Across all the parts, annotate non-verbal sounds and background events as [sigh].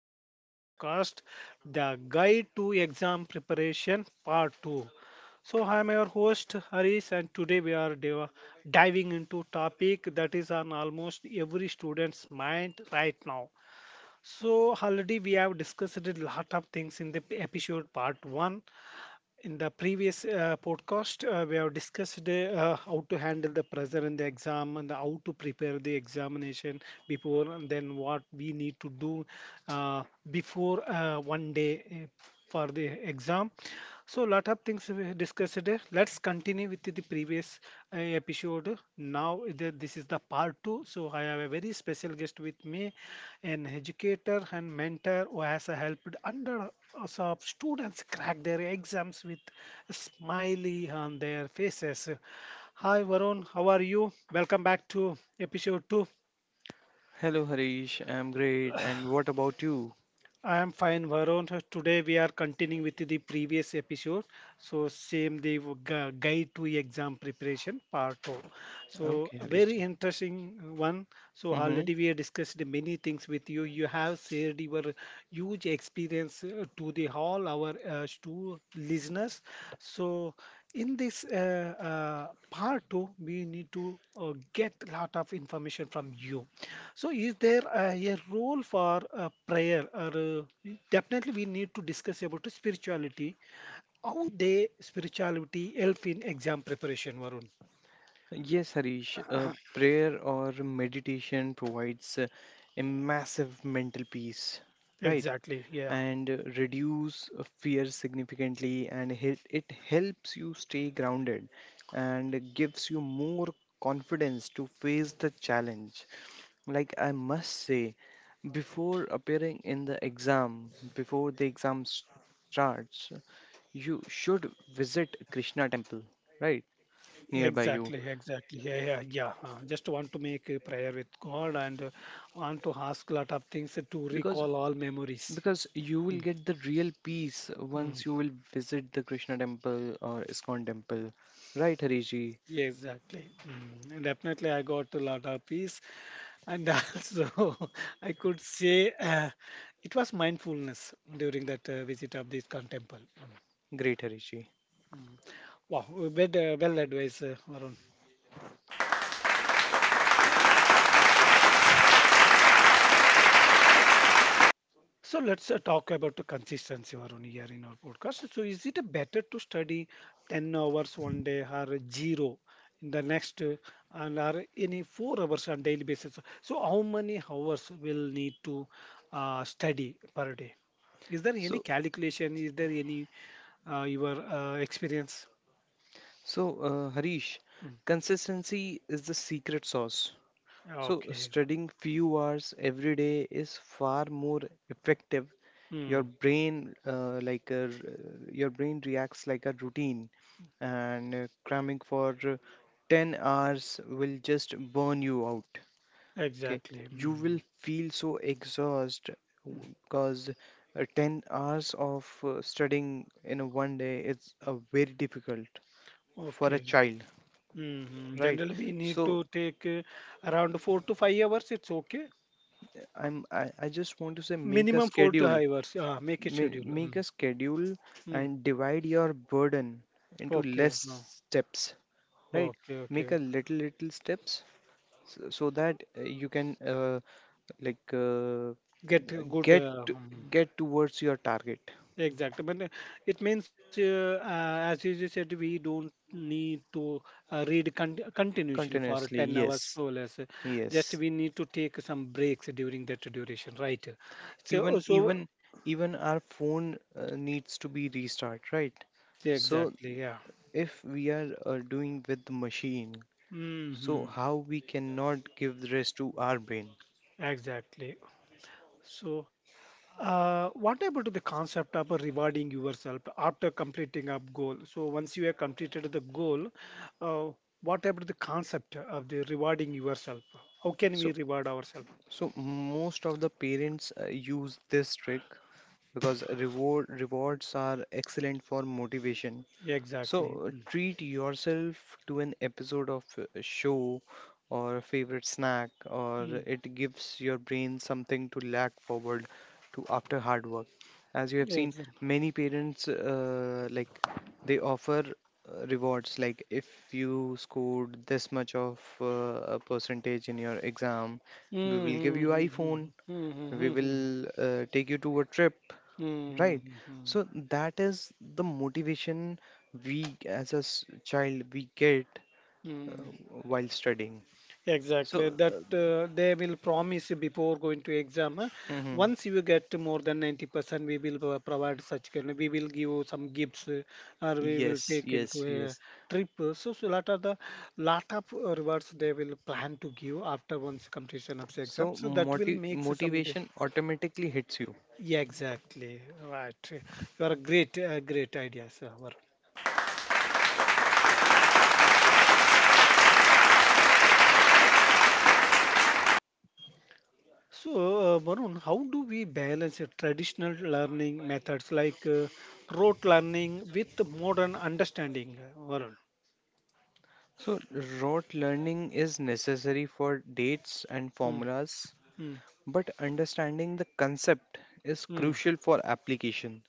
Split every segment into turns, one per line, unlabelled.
of our podcast, The Guide to Exam Preparation Part 2. So, I am your host Harish, and today we are diving into topic that is on almost every student's mind right now. So, already we have discussed a lot of things in the episode part 1 in the previous podcast. We have discussed how to handle the pressure in the exam and how to prepare the examination before, and then what we need to do uh, before one day for the exam. So, lot of things we discussed. Let's continue with the previous episode. Now, this is the part two. So, I have a very special guest with me, an educator and mentor who has helped under us of students crack their exams with a smiley on their faces. Hi, Varun. How are you? Welcome back to episode two.
Hello Harish, I'm great. And what about you?
I am fine, Varun. Today we are continuing with the previous episode. So same the guide to exam preparation part two. So
Okay, Harish.
very interesting one. So
Mm-hmm.
already we have discussed many things with you. You have shared your huge experience to the all our to listeners. So in this part two we need to get a lot of information from you. So is there a role for prayer, or definitely we need to discuss about spirituality, how they spirituality help in exam preparation, Varun?
Yes, Harish,
[coughs]
prayer or meditation provides a massive mental peace,
[clears throat]
right?
Exactly, yeah,
And reduce fear significantly, and it helps you stay grounded and gives you more confidence to face the challenge. Like I must say, before appearing in the exam, before the exam starts, you should visit Krishna temple right nearby
exactly,
you
exactly, yeah, yeah, yeah. Just want to make a prayer with god, and want to ask lot of things to
because
recall all memories.
you will
Mm,
get the real peace
mm.
once you will visit the Krishna temple or Iskon temple. Right, Hariji?
Yeah, exactly. Mm, and definitely, I got a lot of peace, and [laughs] also I could say it was mindfulness during that visit of this con temple. Mm.
Great, Hariji.
Wow, well advised, Varun. So let's talk about the consistency, Varun, here in our podcast. So is it better to study 10 hours one day or zero in the next, and or any 4 hours on daily basis? So how many hours will need to study per day? Is there any
So
calculation? Is there any your experience?
Harish,
Mm.
consistency is the secret sauce. So,
Okay.
studying few hours every day is far more effective.
Mm.
Your brain reacts like a routine, and cramming for 10 hours will just burn you out. Okay,
Exactly.
you will
Mm.
feel so exhausted because 10 hours of studying in a one day is very difficult
Mm.
for a
Okay.
child, right?
Generally, we need
So.
to take around 4 to 5 hours. It's okay.
I just want to say make a
Minimum four to
schedule.
five hours. Make a schedule.
Make
Mm.
a schedule
Mm.
and divide your burden into
Okay.
less
No.
steps, right?
Okay.
Make
Okay.
a little steps so that you can like uh,
Get a good.
get to-
Mm.
get towards your target
Exactly, but it means, as you just said, we don't need to read continuously for
continuously.
10 hours
Yes,
or less. Just
yes.
we need to take some breaks during that duration, right? So,
Even
so
even even our phone needs to be restart, right?
yeah,
So
exactly, yeah.
if we are doing with the machine, so
hmm
how we cannot give the rest to our brain?
Exactly. So, what about the concept of rewarding yourself after completing a goal? So, once you have completed the goal, uh, what about the concept of the rewarding yourself? How can we
so
reward ourselves?
so most of the parents use this trick because rewards are excellent for motivation. So
Exactly. Mm.
treat yourself to an episode of a show or a favorite snack, or
Mm.
it gives your brain something to lack forward to after hard work. As you have
Yeah,
seen,
exactly.
many parents they offer rewards like if you scored this much of a percentage in your exam,
Mm,
we will give
mm,
you iPhone,
mm, mm, mm,
we
mm, mm,
will take you to a trip.
mm,
Right.
mm, mm,
So that is the motivation we as a s- child we get uh,
mm.
while studying.
Exactly,
So
that
uh,
they will promise you before going to exam, huh?
mhm.
Once you get more than 90%, we will provide such kind. We will give you some gifts, or we will
Yes,
take
yes,
into a
yes.
trip. So lot of the lot of rewards they will plan to give after once completion of the exam.
So
So that will make some.
motivation automatically hits you.
Yeah, exactly right. You are great idea, sir. So, Varun, how do we balance traditional learning methods like rote learning with modern understanding, Varun?
So rote learning is necessary for dates and
Mm,
formulas,
mm,
but understanding the concept is
mm,
crucial for application.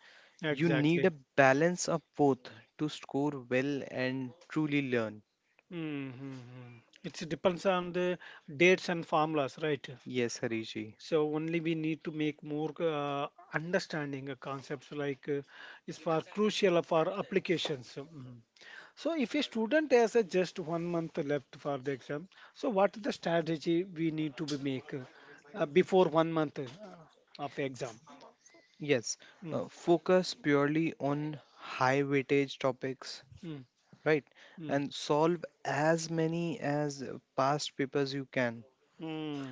You need
exactly.
a balance of both to score well and truly learn.
Mm, hmm, mm. It depends on the dates and formulas, right?
Yes, Hariji.
So only we need to make more understanding concepts like is for crucial for applications. Mm. So if a student has just one month left for the exam, so what is the strategy we need to be make before one month of exam?
Yes,
Mm.
focus purely on high weightage topics,
Mm.
right?
Mm.
And solve as many as past papers you can,
Mm.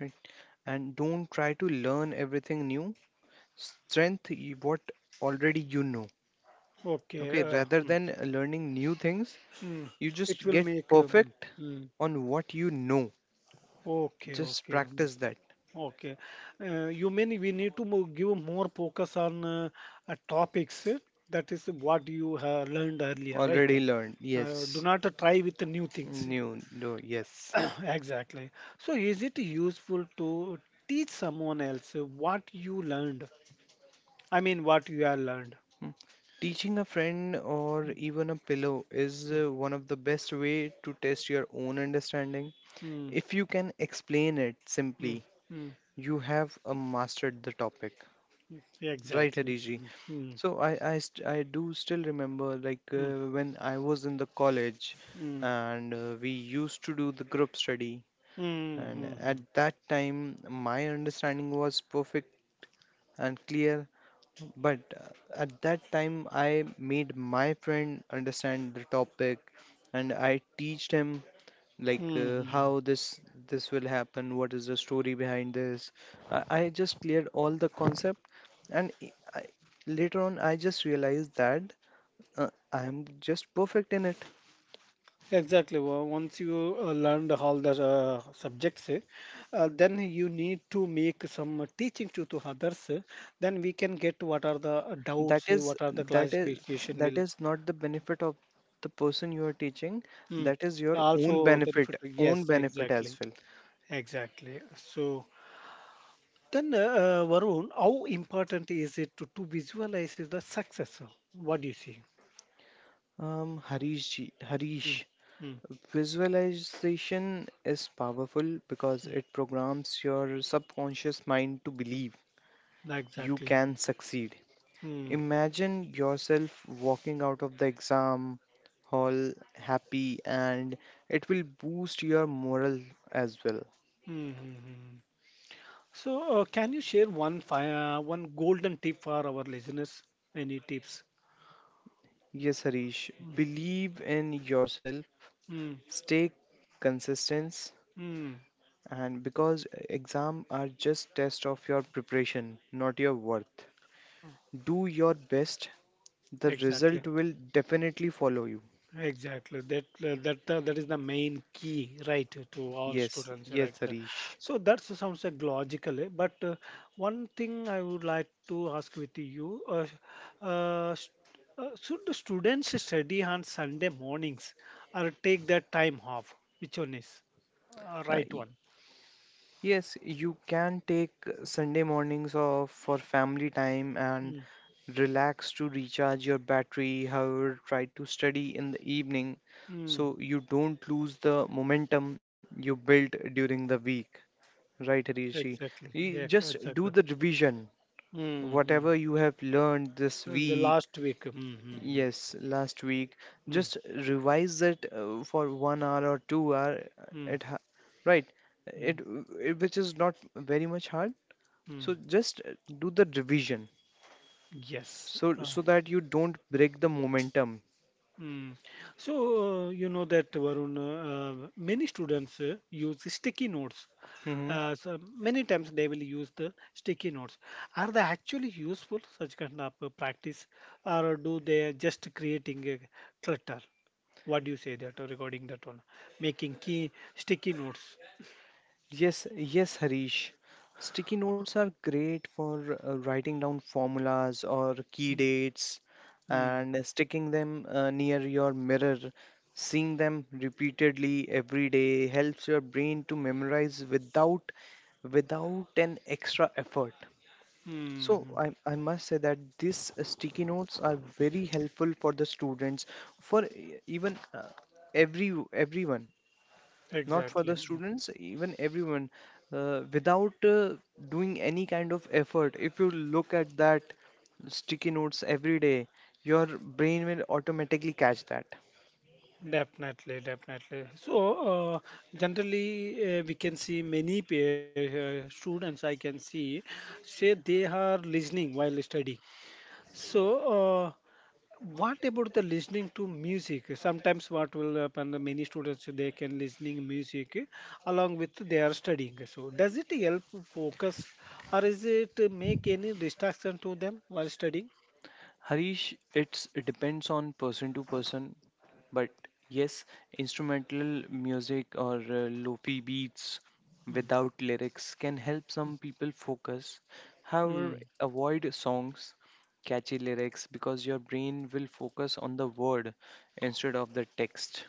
right? And don't try to learn everything new. What already you know.
Okay.
Okay, rather
Mm.
than learning new things,
Mm.
you
It
just
will
get
make.
perfect
Mm.
on what you know.
Okay.
Just
Okay. Mm.
practice that.
Okay. You mean we need to give more focus on topics that is what you have learned earlier, right?
Already learned.
Do
Yes.
not try with the new things.
New. No. Yes.
[coughs] Exactly. So, is it useful to teach someone else what you learned? I mean, what you have learned.
Mm. Teaching a friend or even a pillow is
Mm,
one of the best way to test your own understanding.
mm,
If you can explain it
mm,
simply,
mm.
you have mastered the topic. Right,
Exactly.
Hariji.
Mm,
So I do still remember like
mm, mm,
when I was in the college,
mm,
and we used to do the group study.
mm,
And
mm,
at that time, my understanding was perfect and clear. But at that time, I made my friend understand the topic, and I teached him
mm,
like
mm.
how this will happen, what is the story behind this. I just cleared all the concept, and later on, I just realized that I am just perfect in it.
Exactly. Well, once you learned all the subjects, eh, then you need to make some teaching to, others, eh. Then we can get what are the
that
doubts, eh,
is
what are the
that is
classification
that
will
is not the benefit of the person you are teaching,
mm,
that is your own
also
benefit,
benefit. Yes,
as
exactly,
well.
exactly. So then, Varun, how important is it to visualize the success? What do you see?
Harish,
Mm, mm,
visualization is powerful because it programs your subconscious mind to believe
mm,
you
exactly.
can succeed.
Mm, mm,
Imagine yourself walking out of the exam hall happy, and it will boost your morale as well.
hmm, hmm, hmm. So, can you share one golden tip for our listeners? Any tips?
Yes, Harish,
Mm,
believe in yourself,
mm,
stay consistent,
mm,
and because exam are just test of your preparation, not your worth. Do your best, the
exactly,
result will definitely follow you.
exactly. That that is the main key, right, to all
Yes,
students, right?
yes, Harish.
So that sounds like logical, eh? But one thing I would like to ask with you, uh, st- should the students study on Sunday mornings or take that time off? Which one is
Uh,
right
y-
one?
yes, you can take Sunday mornings off for family time and
Mm,
relax to recharge your battery. However, try to study in the evening
mm.
so you don't lose the momentum you built during the week, right Rishi?
Exactly.
You
Yeah,
just do
exactly.
the revision
Mm,
whatever
mm.
you have learned this
In the
week.
last week. Mm, mm,
Yes, last week,
mm, mm,
just revise it for 1 hour or 2 hour.
mm,
Right, it,
mm,
it which is not very much hard. So
mm.
just do the revision
Yes.
so that you don't break the momentum.
Mm. So, you know that, Varun, many students use sticky notes.
Hmm.
So many times they will use the sticky notes. Are they actually useful, such kind of practice, or do they just creating a clutter? What do you say that regarding that one? Making key sticky notes.
Yes, yes, Harish. Sticky notes are great for writing down formulas or key
Mm,
dates
mm.
and sticking them near your mirror. Seeing them repeatedly every day helps your brain to memorize without an extra effort. So
Mm-hmm.
I must say that these sticky notes are very helpful for the students, for e- even everyone. Not for
Exactly.
the
Mhm.
students, even everyone, without doing any kind of effort, if you look at that sticky notes every day, your brain will automatically catch that.
Definitely, definitely. So, generally, we can see many students I can see say they are listening while studying. So, uh, what about the listening to music? Sometimes what will happen, the many students they can listening music along with their studying. So, does it help focus, or is it make any distraction to them while studying?
Harish, it depends on person to person, but yes, instrumental music or lofi beats without lyrics can help some people focus. However,
Mm.
avoid songs catchy lyrics because your brain will focus on the word instead of the text,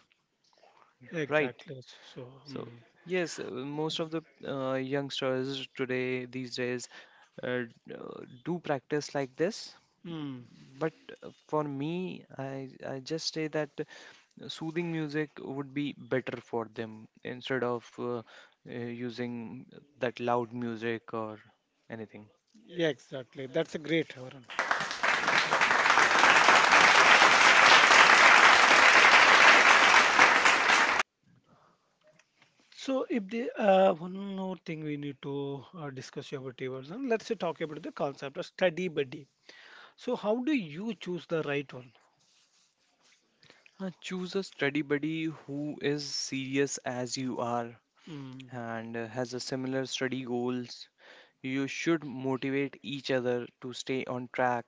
right?
Exactly.
So yes, most of the youngsters today these days uh, do practice like this,
Mm,
but for me, I just say that soothing music would be better for them instead of using that loud music or anything.
yeah, exactly. That's a great Varun. So, if the one more thing we need to discuss here about Varun, let's talk about the concept of study buddy. So, how do you choose the right one?
Choose a study buddy who is serious as you are
Mm,
and has a similar study goals. You should motivate each other to stay on track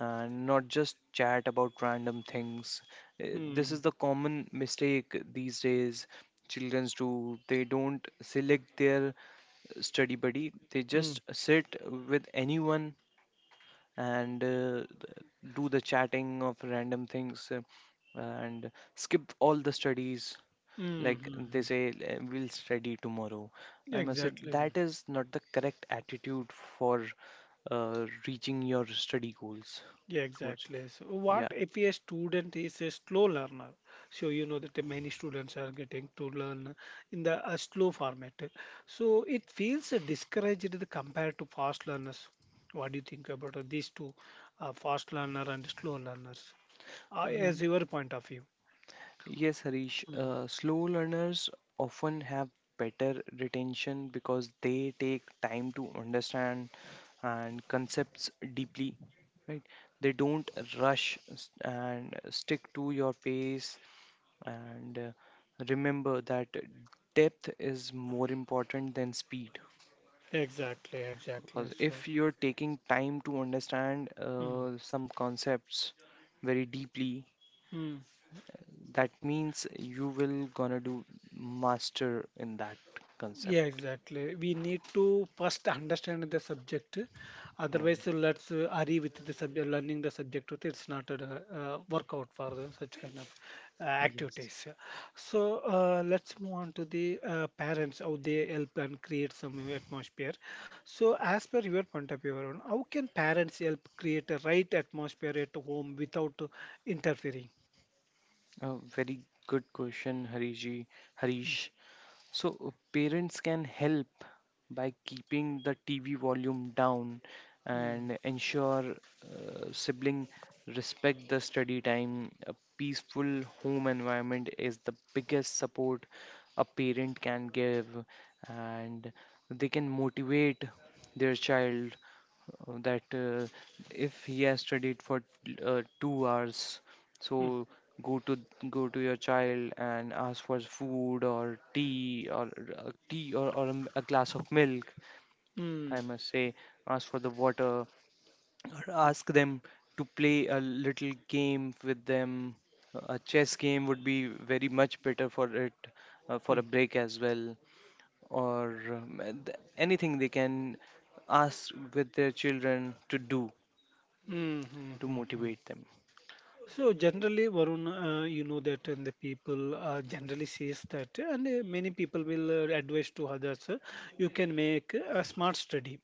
and not just chat about random things. This
mm,
is the common mistake these days children do. They don't select their study buddy, they just
mm,
sit with anyone and do the chatting of random things and skip all the studies,
mm, mm,
like they
mm.
say, "Eh, we'll study tomorrow." I must say
Exactly.
that is not the correct attitude for reaching your study goals
Yeah,
towards.
exactly. So what
Yeah,
if a student is a slow learner? So you know that many students are getting to learn in the slow format. So it feels discouraged compared to fast learners. What do you think about these two, fast learner and slow learners,
uh,
as your point of view?
yes Harish,
Mhm.
slow learners often have better retention because they take time to understand and concepts deeply, right? They don't and stick to your pace, and remember that depth is more important than speed,
Exactly, exactly.
because
So,
if you're taking time to understand
mm,
some concepts very deeply,
mm.
that means you will gonna do master in that
Yeah,
concept.
exactly. We need to first understand the subject.
Hmm,
Otherwise, let's hurry with the subject, learning the subject. With It's not a workout for the such kind of
yes.
activities. So let's move on to the parents, how they help and create some atmosphere. So as per your point of view, Arun, how can parents help create a right atmosphere at home without interfering?
A very good question, Harish. So parents can help by keeping the TV volume down
Mm.
and ensure sibling respect the study time. A peaceful home environment is the biggest support a parent can give, and they can motivate their child that if he has studied for 2 hours,
Mm.
so go to go to your child and ask for food or tea or or a glass of milk. I
Mm.
must say, ask for the water or ask them to play a little game with them. A chess game would be very much better for it for a
Mm.
break as well, or anything they can ask with their children to do
Mm.
to
Mm.
motivate
Mm.
them.
So generally, Varun, you know that and the people generally says that, and many people will advise to others. You can make a smart study.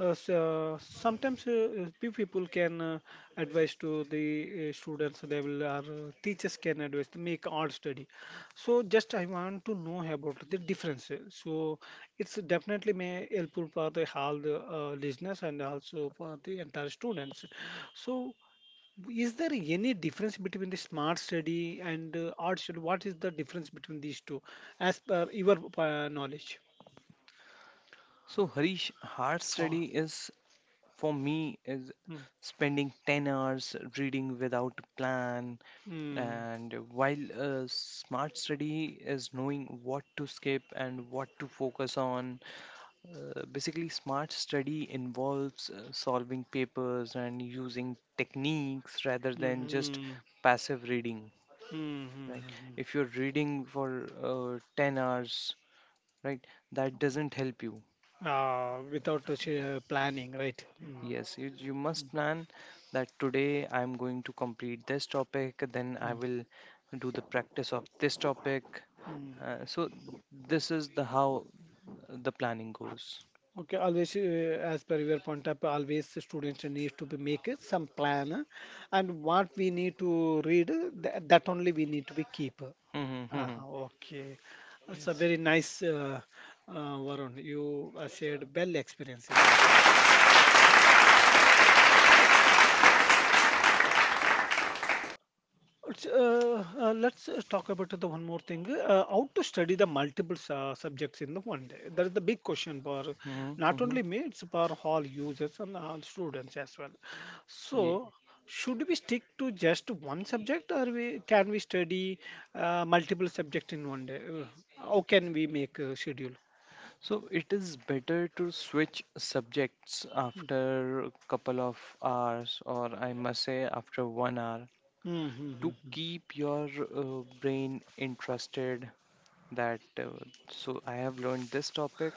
So sometimes few people can advise to the students. They will, or teachers can advise to make odd study. So just I want to know about the difference. So it's definitely may helpful for the all the listeners and also for the entire students. So is there any difference between the smart study and art study? What is the difference between these two, as per your knowledge?
So Harish, hard
Oh.
study is for me is
Mm.
spending 10 hours reading without plan,
Mm.
and while smart study is knowing what to skip and what to focus on. Basically, smart study involves solving papers and using techniques rather than just
Mm-hmm.
passive reading, right?
Mm-hmm.
If you're reading for 10 hours, right, that doesn't help you.
Without planning, right? Mm.
Yes, you
Mm.
must plan that today I'm going to complete this topic, then I
Mm.
will do the practice of this topic.
Mm.
Uh, so this is the how the planning goes.
Okay, always, as per your point up, always the students need to be make some plan, and what we need to read, that only we need to be keep.
Mhm,
Ah,
mhm,
okay. That's a very nice, uh, Varun. You shared well experience in this. Let's talk about the one more thing. How to study the multiple subjects in the one day? That is the big question for
mhm,
not
mhm.
only me, it's for all users and all students as well.
Yeah.
So, should we stick to just one subject, or we can we study multiple subject in one day? How can we make a schedule?
So it is better to switch subjects after a couple of hours, or I must say after 1 hour, to
Mm-hmm.
keep your brain interested, that so I have learned this topic,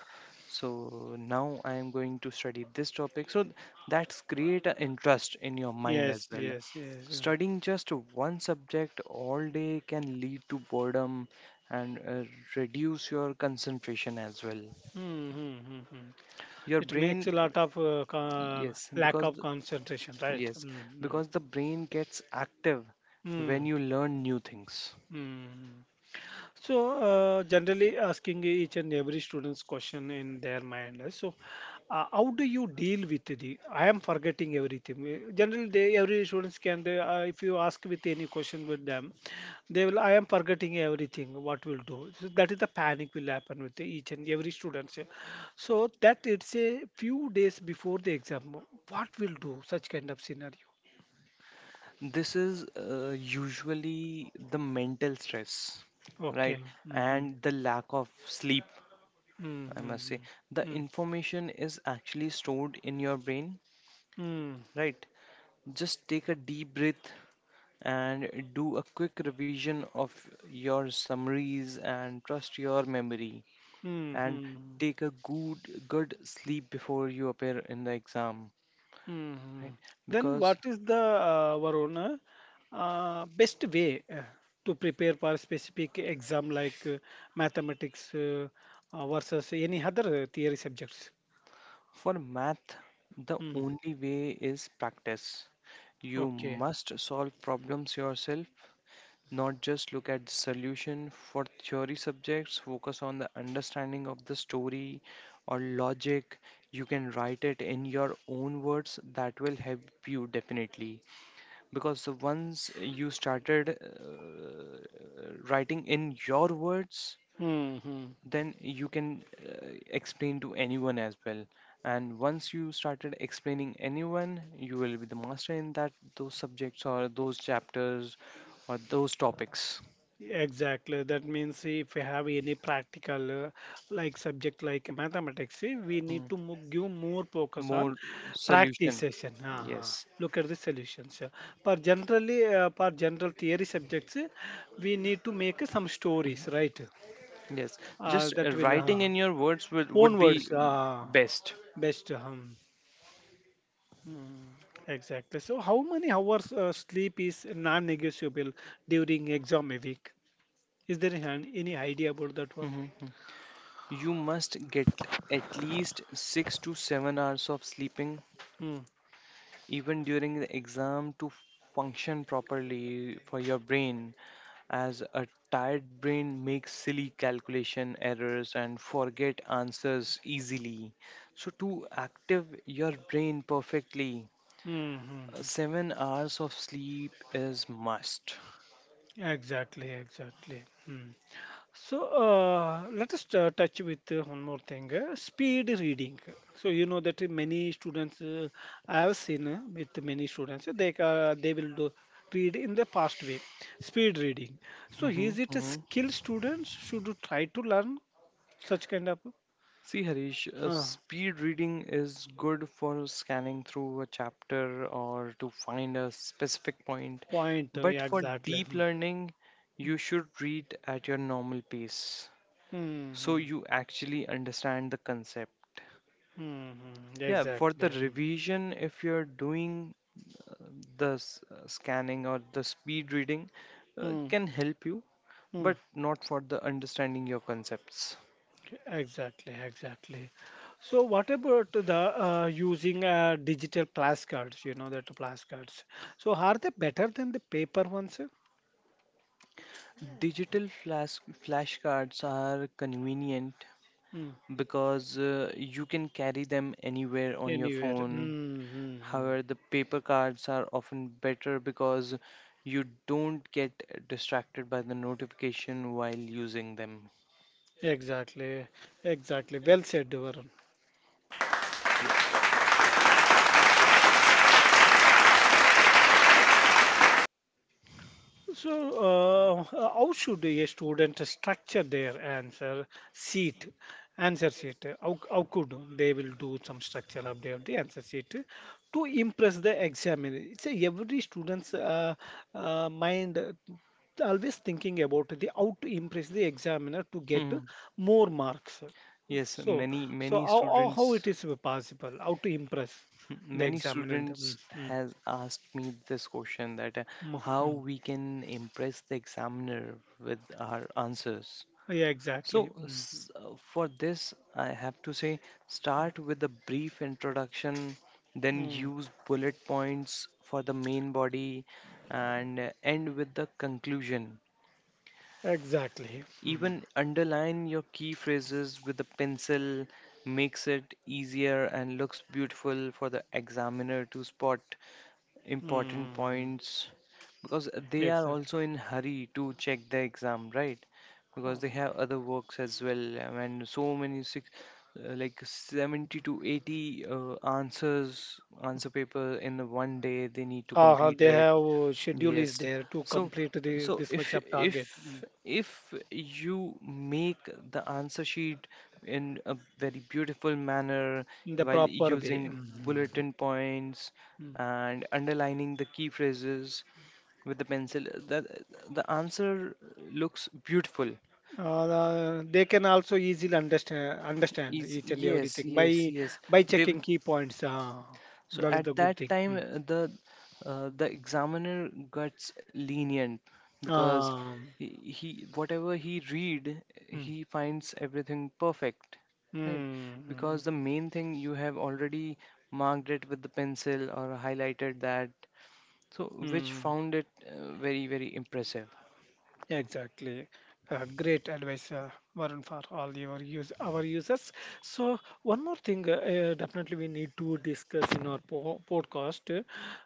so now I am going to study this topic, so that's create an interest in your mind as
Yes,
well.
yes, yes.
Studying just one subject all day can lead to boredom and reduce your concentration as well.
Hmm, hmm, hmm, hmm.
Your
It makes
brain,
a lot of
yes,
lack
because
of concentration, right?
yes
Mm-hmm.
the brain gets active when you learn new things.
Mm-hmm. Generally asking each and every student's question in their mind. How do you deal with the? I am forgetting everything. Generally, they every students can. If you ask with any question with them, they will. I am forgetting everything. What will do? So that is the panic will happen with each and every student. So that it's a few days before the exam. What will do such kind of scenario?
This is usually the mental stress, right?
Okay. Mm-hmm.
And the lack of sleep, I must say. The
Mm-hmm.
information is actually stored in your brain,
Mm-hmm.
right? Just take a deep breath and do a quick revision of your summaries and trust your memory, and
Mm-hmm.
take a good sleep before you appear in the exam, right?
Mhm. Then what
Because
is the Varuna best way to prepare for specific exam like mathematics versus any other theory subjects?
for math, the
Mm.
only way is practice. You
Okay.
must solve problems yourself, not just look at the solution. For theory subjects, focus on the understanding of the story or logic. You can write it in your own words, that will help you definitely. Because once you started writing in your words,
Hmm.
then you can explain to anyone as well, and once you started explaining anyone you will be the master in that those subjects or those chapters or those topics.
Exactly. That means if you have any practical like subject like mathematics, we need
Mm,
to give more focus on
more solution.
practice session. Uh-huh.
Yes,
Look at the solutions. Yeah. For generally, for general theory subjects, we need to make some stories, right?
yes, just
That will
writing in your words would,
own
be
words.
best.
Best. Mm, exactly. So, how many hours sleep is non-negotiable during exam a week? Is there an, any idea about that one?
Mhm, mhm. You must get at least 6 to 7 hours of sleeping
Hmm.
even during the exam to function properly for your brain, as a tired brain makes silly calculation errors and forget answers easily. So to active your brain perfectly,
Hmm. Hmm. Mm.
7 hours of sleep is must.
Exactly, exactly. Hmm. So let us touch with one more thing, speed reading. So you know that many students, I have seen with many students, they will do read in the fast way, speed reading. So
Mhm,
is it a
mhm.
skill students should you try to learn such kind of
See, Harish,
uh,
speed reading is good for scanning through a chapter or to find a specific point,
point?
but
Yeah,
for
exactly.
deep
Hmm.
learning, you should read at your normal pace
Hmm.
so
Hmm.
you actually understand the concept.
Hmm. Mm,
Yeah, for the
exactly. Hmm.
revision, if you're doing the scanning or the speed reading,
Hmm.
can help you,
Hmm.
but not for the understanding your concepts.
Exactly, exactly. So, what about the using digital plus cards? You know that plus cards. So, are they better than the paper ones?
Digital flashcards are convenient
Mm.
because you can carry them anywhere on your
Anywhere.
phone.
Mm-hmm.
However, the paper cards are often better because you don't get distracted by the notification while using them.
Exactly, exactly. Well said, Varun.
Yeah. [laughs]
So, how should a student structure their answer sheet? Answer sheet. How could they will do some structure of their the answer sheet to impress the examiner? It's a, every student's mind always thinking about the how to impress the examiner to get
Hmm.
more marks.
Yes,
So,
many
so
many
how
students.
it is possible? How to impress
[laughs]
the
Many
examiner?
students
Mm, mm,
has asked me this question that
mm,
how
mm.
we can impress the examiner with our answers.
Yeah, exactly.
So,
Mm,
for this, I have to say start with a brief introduction, then
mm.
use bullet points for the main body, and end with the conclusion.
Exactly. Mm.
Even underline your key phrases with a pencil, makes it easier and looks beautiful for the examiner to spot important
Mm.
points, because they are
Exactly.
also in hurry to check the exam, right?
Uh,
Because they have other works as well, and so many six like 70 to 80 answer paper in the one day they need to complete
they
it.
have schedule is
Yes,
there to
so,
complete the
so
this
if
much of target
if
mm,
if you make the answer sheet in a very beautiful manner
in the
while
proper way.
using
Mm.
bulletin points
Mm.
and underlining the key phrases with the pencil, that the answer looks beautiful
They can also easily understand
is,
each and
yes,
everything
yes, yes,
by
they.
checking key points.
So
That is the
at
good
that
thing.
time,
Mm.
the examiner gets lenient because
Um,
he, he whatever he read,
mm,
he finds everything perfect, right?
mm,
Because the main thing you have already marked it with the pencil or highlighted that, so
mm,
which
mm.
found it very very impressive.
Exactly. Great advice, Varun, for all your use our users. So one more thing, definitely we need to discuss in our podcast.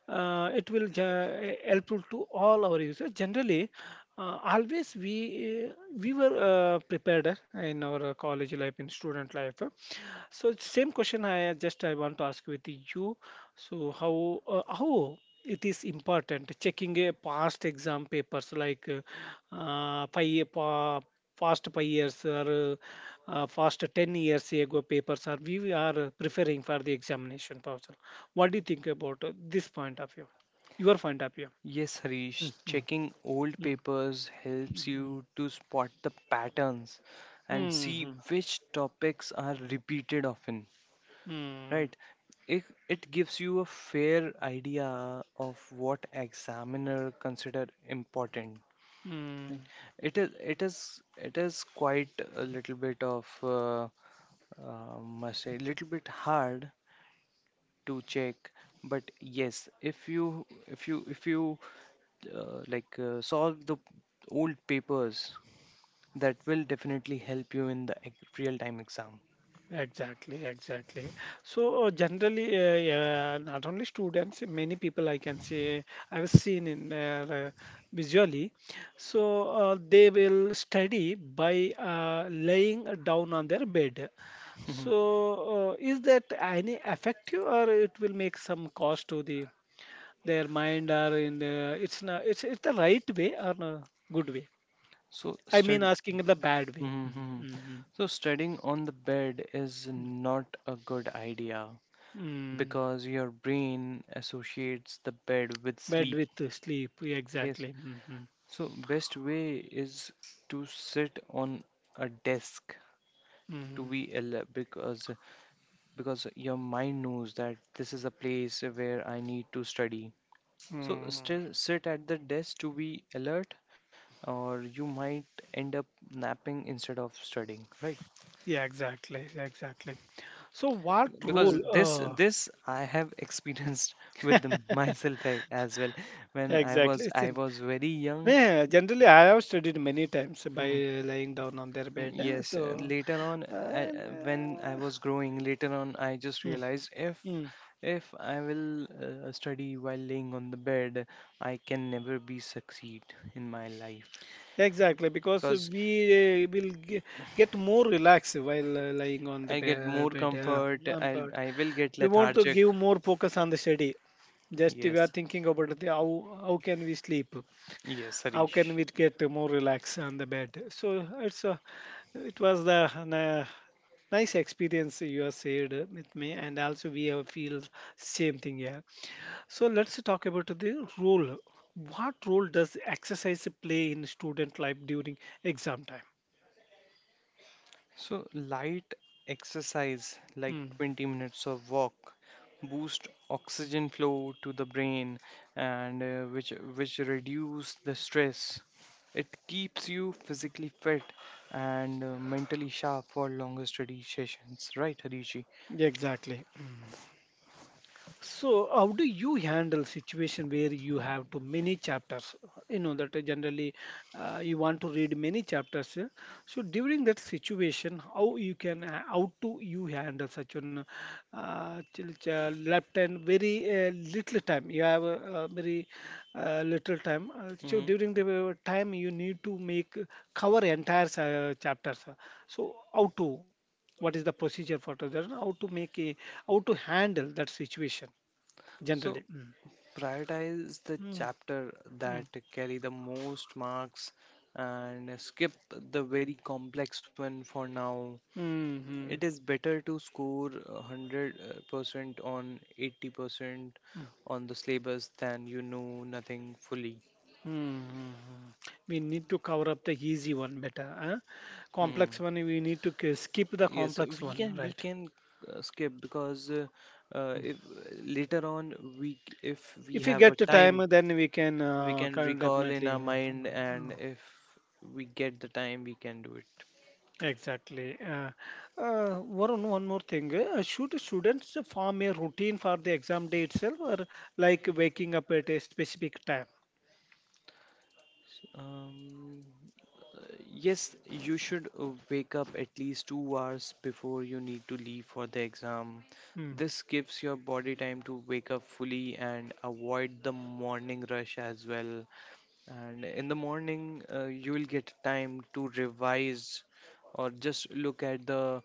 It will helpful to all our users. Generally, always we eh, we were prepared in our college life, in student life. So same question I want to ask with you. So how it is important checking a past exam papers like five pa, past 5 years or past 10 years ago papers are we are preferring for the examination process. What do you think about this point of view? Your point of view.
Yes,
Mm,
Harish,
mm,
checking old
mm,
papers helps you to spot the patterns
mm,
and see
mm, mm,
which topics are repeated often,
mm,
right? It gives you a fair idea of what examiner consider important,
mm.
right? It is quite a little bit of must say little bit hard to check, but yes, if you like solve the old papers, that will definitely help you in the real time exam.
Exactly, exactly. So generally, yeah, not only students, many people I can say I've seen in there visually. So they will study by laying down on their bed.
Mhm.
So
[laughs]
is that any effective, or it will make some cost to the their mind, or in the, it's not it's it's the right way or no good way?
so
I mean,
stud-
asking in the bad way.
Mhm.
Mm-hmm.
So studying on the bed is not a good idea
Mm-hmm.
because your brain associates the bed with
Bed
sleep.
with sleep, yeah,
Yes,
exactly. Hmm.
so best way is to sit on a desk to
Hmm.
be because your mind knows that this is a place where I need to study. So
Mm.
still sit at the desk to be alert, or you might end up napping instead of studying, right?
Yeah, exactly, exactly. So, what role?
Because this this I have experienced [laughs] myself as well. When I
Exactly.
was
It's in,
very young,
yeah, generally, I have studied many times by
hmm,
lying down on their bed.
yes,
So,
later on,
uh,
when
uh,
I was growing, later on, I just
mm,
realized if
mm.
I will study while laying on the bed, I can never be succeed in my life,
Exactly, because
because
we uh, will ge- get more relaxed while lying on the
I get
bare
more
bed. Yeah.
comfort.
But
I will get
we want to
lethargic.
give more focus on the study. Just we are
Yes,
thinking about the how can we sleep.
yes,
How can we
Harish.
get more relaxed on the bed, so it's a it was the nice experience you have shared with me, and also we have feel same thing here. So let's talk about the role. What role does exercise play in student life during exam time?
So, light exercise like
Mm,
20 minutes of walk boost oxygen flow to the brain, and which reduce the stress. It keeps you physically fit and mentally sharp for longer study sessions, right, Harishi?
yeah, exactly. So, how do you handle situation where you have to many chapters? You know that generally you want to read many chapters. So during that situation, how you can how to you handle such an left and very little time. You have a, very little time. So
Hmm.
during the time you need to make cover entire chapters. So how to what is the procedure for that? How to make a how to handle that situation?
So
Generally. Mm.
prioritize the
Mm,
chapter
mm,
that carry the most marks and skip the very complex one for now.
mm,
It
mm,
is better to score 100 percent on 80%
mm, mm,
on the syllabus than you know nothing fully.
mm. Mm. We need to cover up the easy one better. Huh? Complex
Hmm.
one, we need to skip the
Yes,
complex
we
one,
can we
right?
can uh, skip because
Mm.
if, later on, if we
If you
have a
get the
time,
time, then we can
we can
kind of
recall in our
definitely.
mind, and
Uh,
if we get the time we can do it.
exactly. One more thing. Should students form a routine for the exam day itself, or like waking up at a specific time?
Um, Yes, you should wake up at least 2 hours before you need to leave for the exam.
Mm.
This gives your body time to wake up fully and avoid the morning rush as well. And in the morning, you will get time to revise or just look at the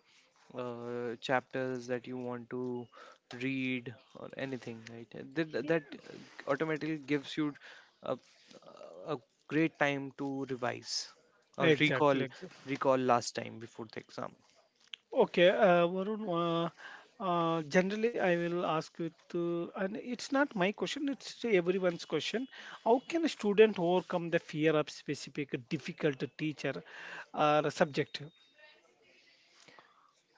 chapters that you want to read or anything, right? That automatically gives you a, a great time to revise or recall,
Exactly.
recall last time before the exam.
Okay, Varun, generally I will ask you to, and it's not my question, it's everyone's question. How can a student overcome the fear of specific difficult teacher or subject?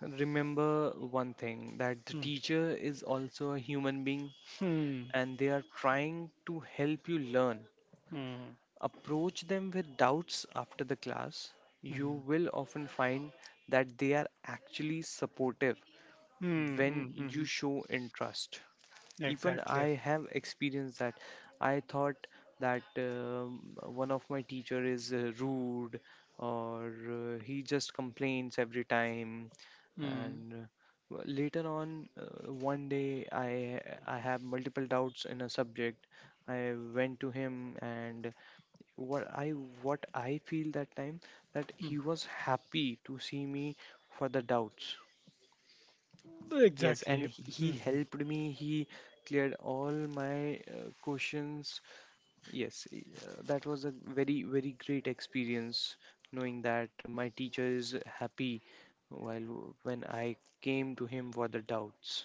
Remember one thing that the
Hmm.
teacher is also a human being
Hmm.
and they are trying to help you learn.
Hmm.
Approach them with doubts after the class. You
Hmm.
will often find that they are actually supportive
Hmm.
when
Hmm.
you
Hmm.
show interest. Even
Exactly.
I have experienced that. I thought that one of my teacher is rude or he just complains every time.
Hmm.
And later on, one day I have multiple doubts in a subject. I went to him and what I what I feel that time, that
Hmm.
he was happy to see me for the doubts. Yes, and
Exactly.
he
Mhm.
helped me. He cleared all my questions. Yes, that was a very, very great experience knowing that my teacher is happy while when I came to him for the doubts.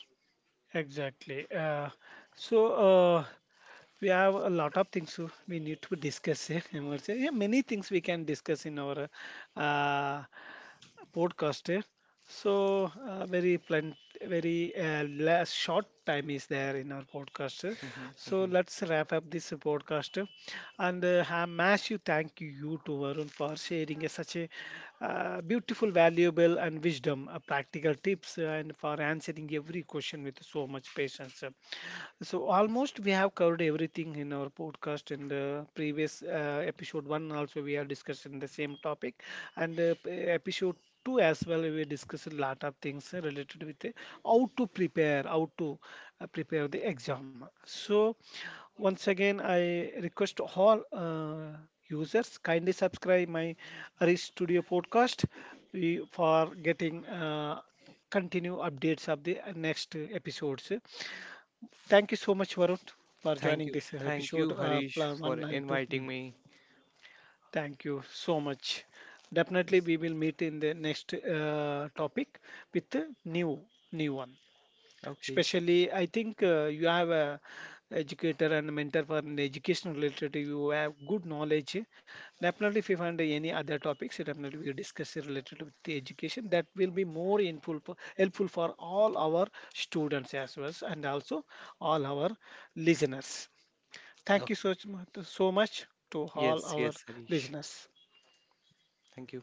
Exactly. So, uh, We have a lot of things to we need to discuss here. Emerge. Yeah, many things we can discuss in our uh, podcast here. So very plen- very less short time is there in our podcast here.
Hmm,
So
hmm.
let's wrap up this podcast here, and a massive thank you to Varun for sharing a, such a beautiful, valuable, and wisdom, practical tips, and for answering every question with so much patience. So almost we have covered everything in our podcast, and the previous episode 1 also we have discussed in the same topic, and episode 2 as well we discussed a lot of things related with how to prepare the exam. So once again I request all users kindly subscribe my Arish Studio podcast we, for getting continue updates of the next episodes. Thank you so much, Varun, for
Thank
joining
you.
this
Thank
episode
you, Harish, for
1 and 2.
inviting
Mm.
me.
Thank you so much. Definitely, we will meet in the next topic with a new one.
Okay.
Especially, I think you have a educator and mentor for an education related. You have good knowledge. Definitely, if you find any other topics, definitely we will discuss it related with the education. That will be more helpful for, helpful for all our students as well as and also all our listeners. Thank you
Okay.
so much, so much to all
Yes,
our
yes, Harish.
listeners.
Thank you.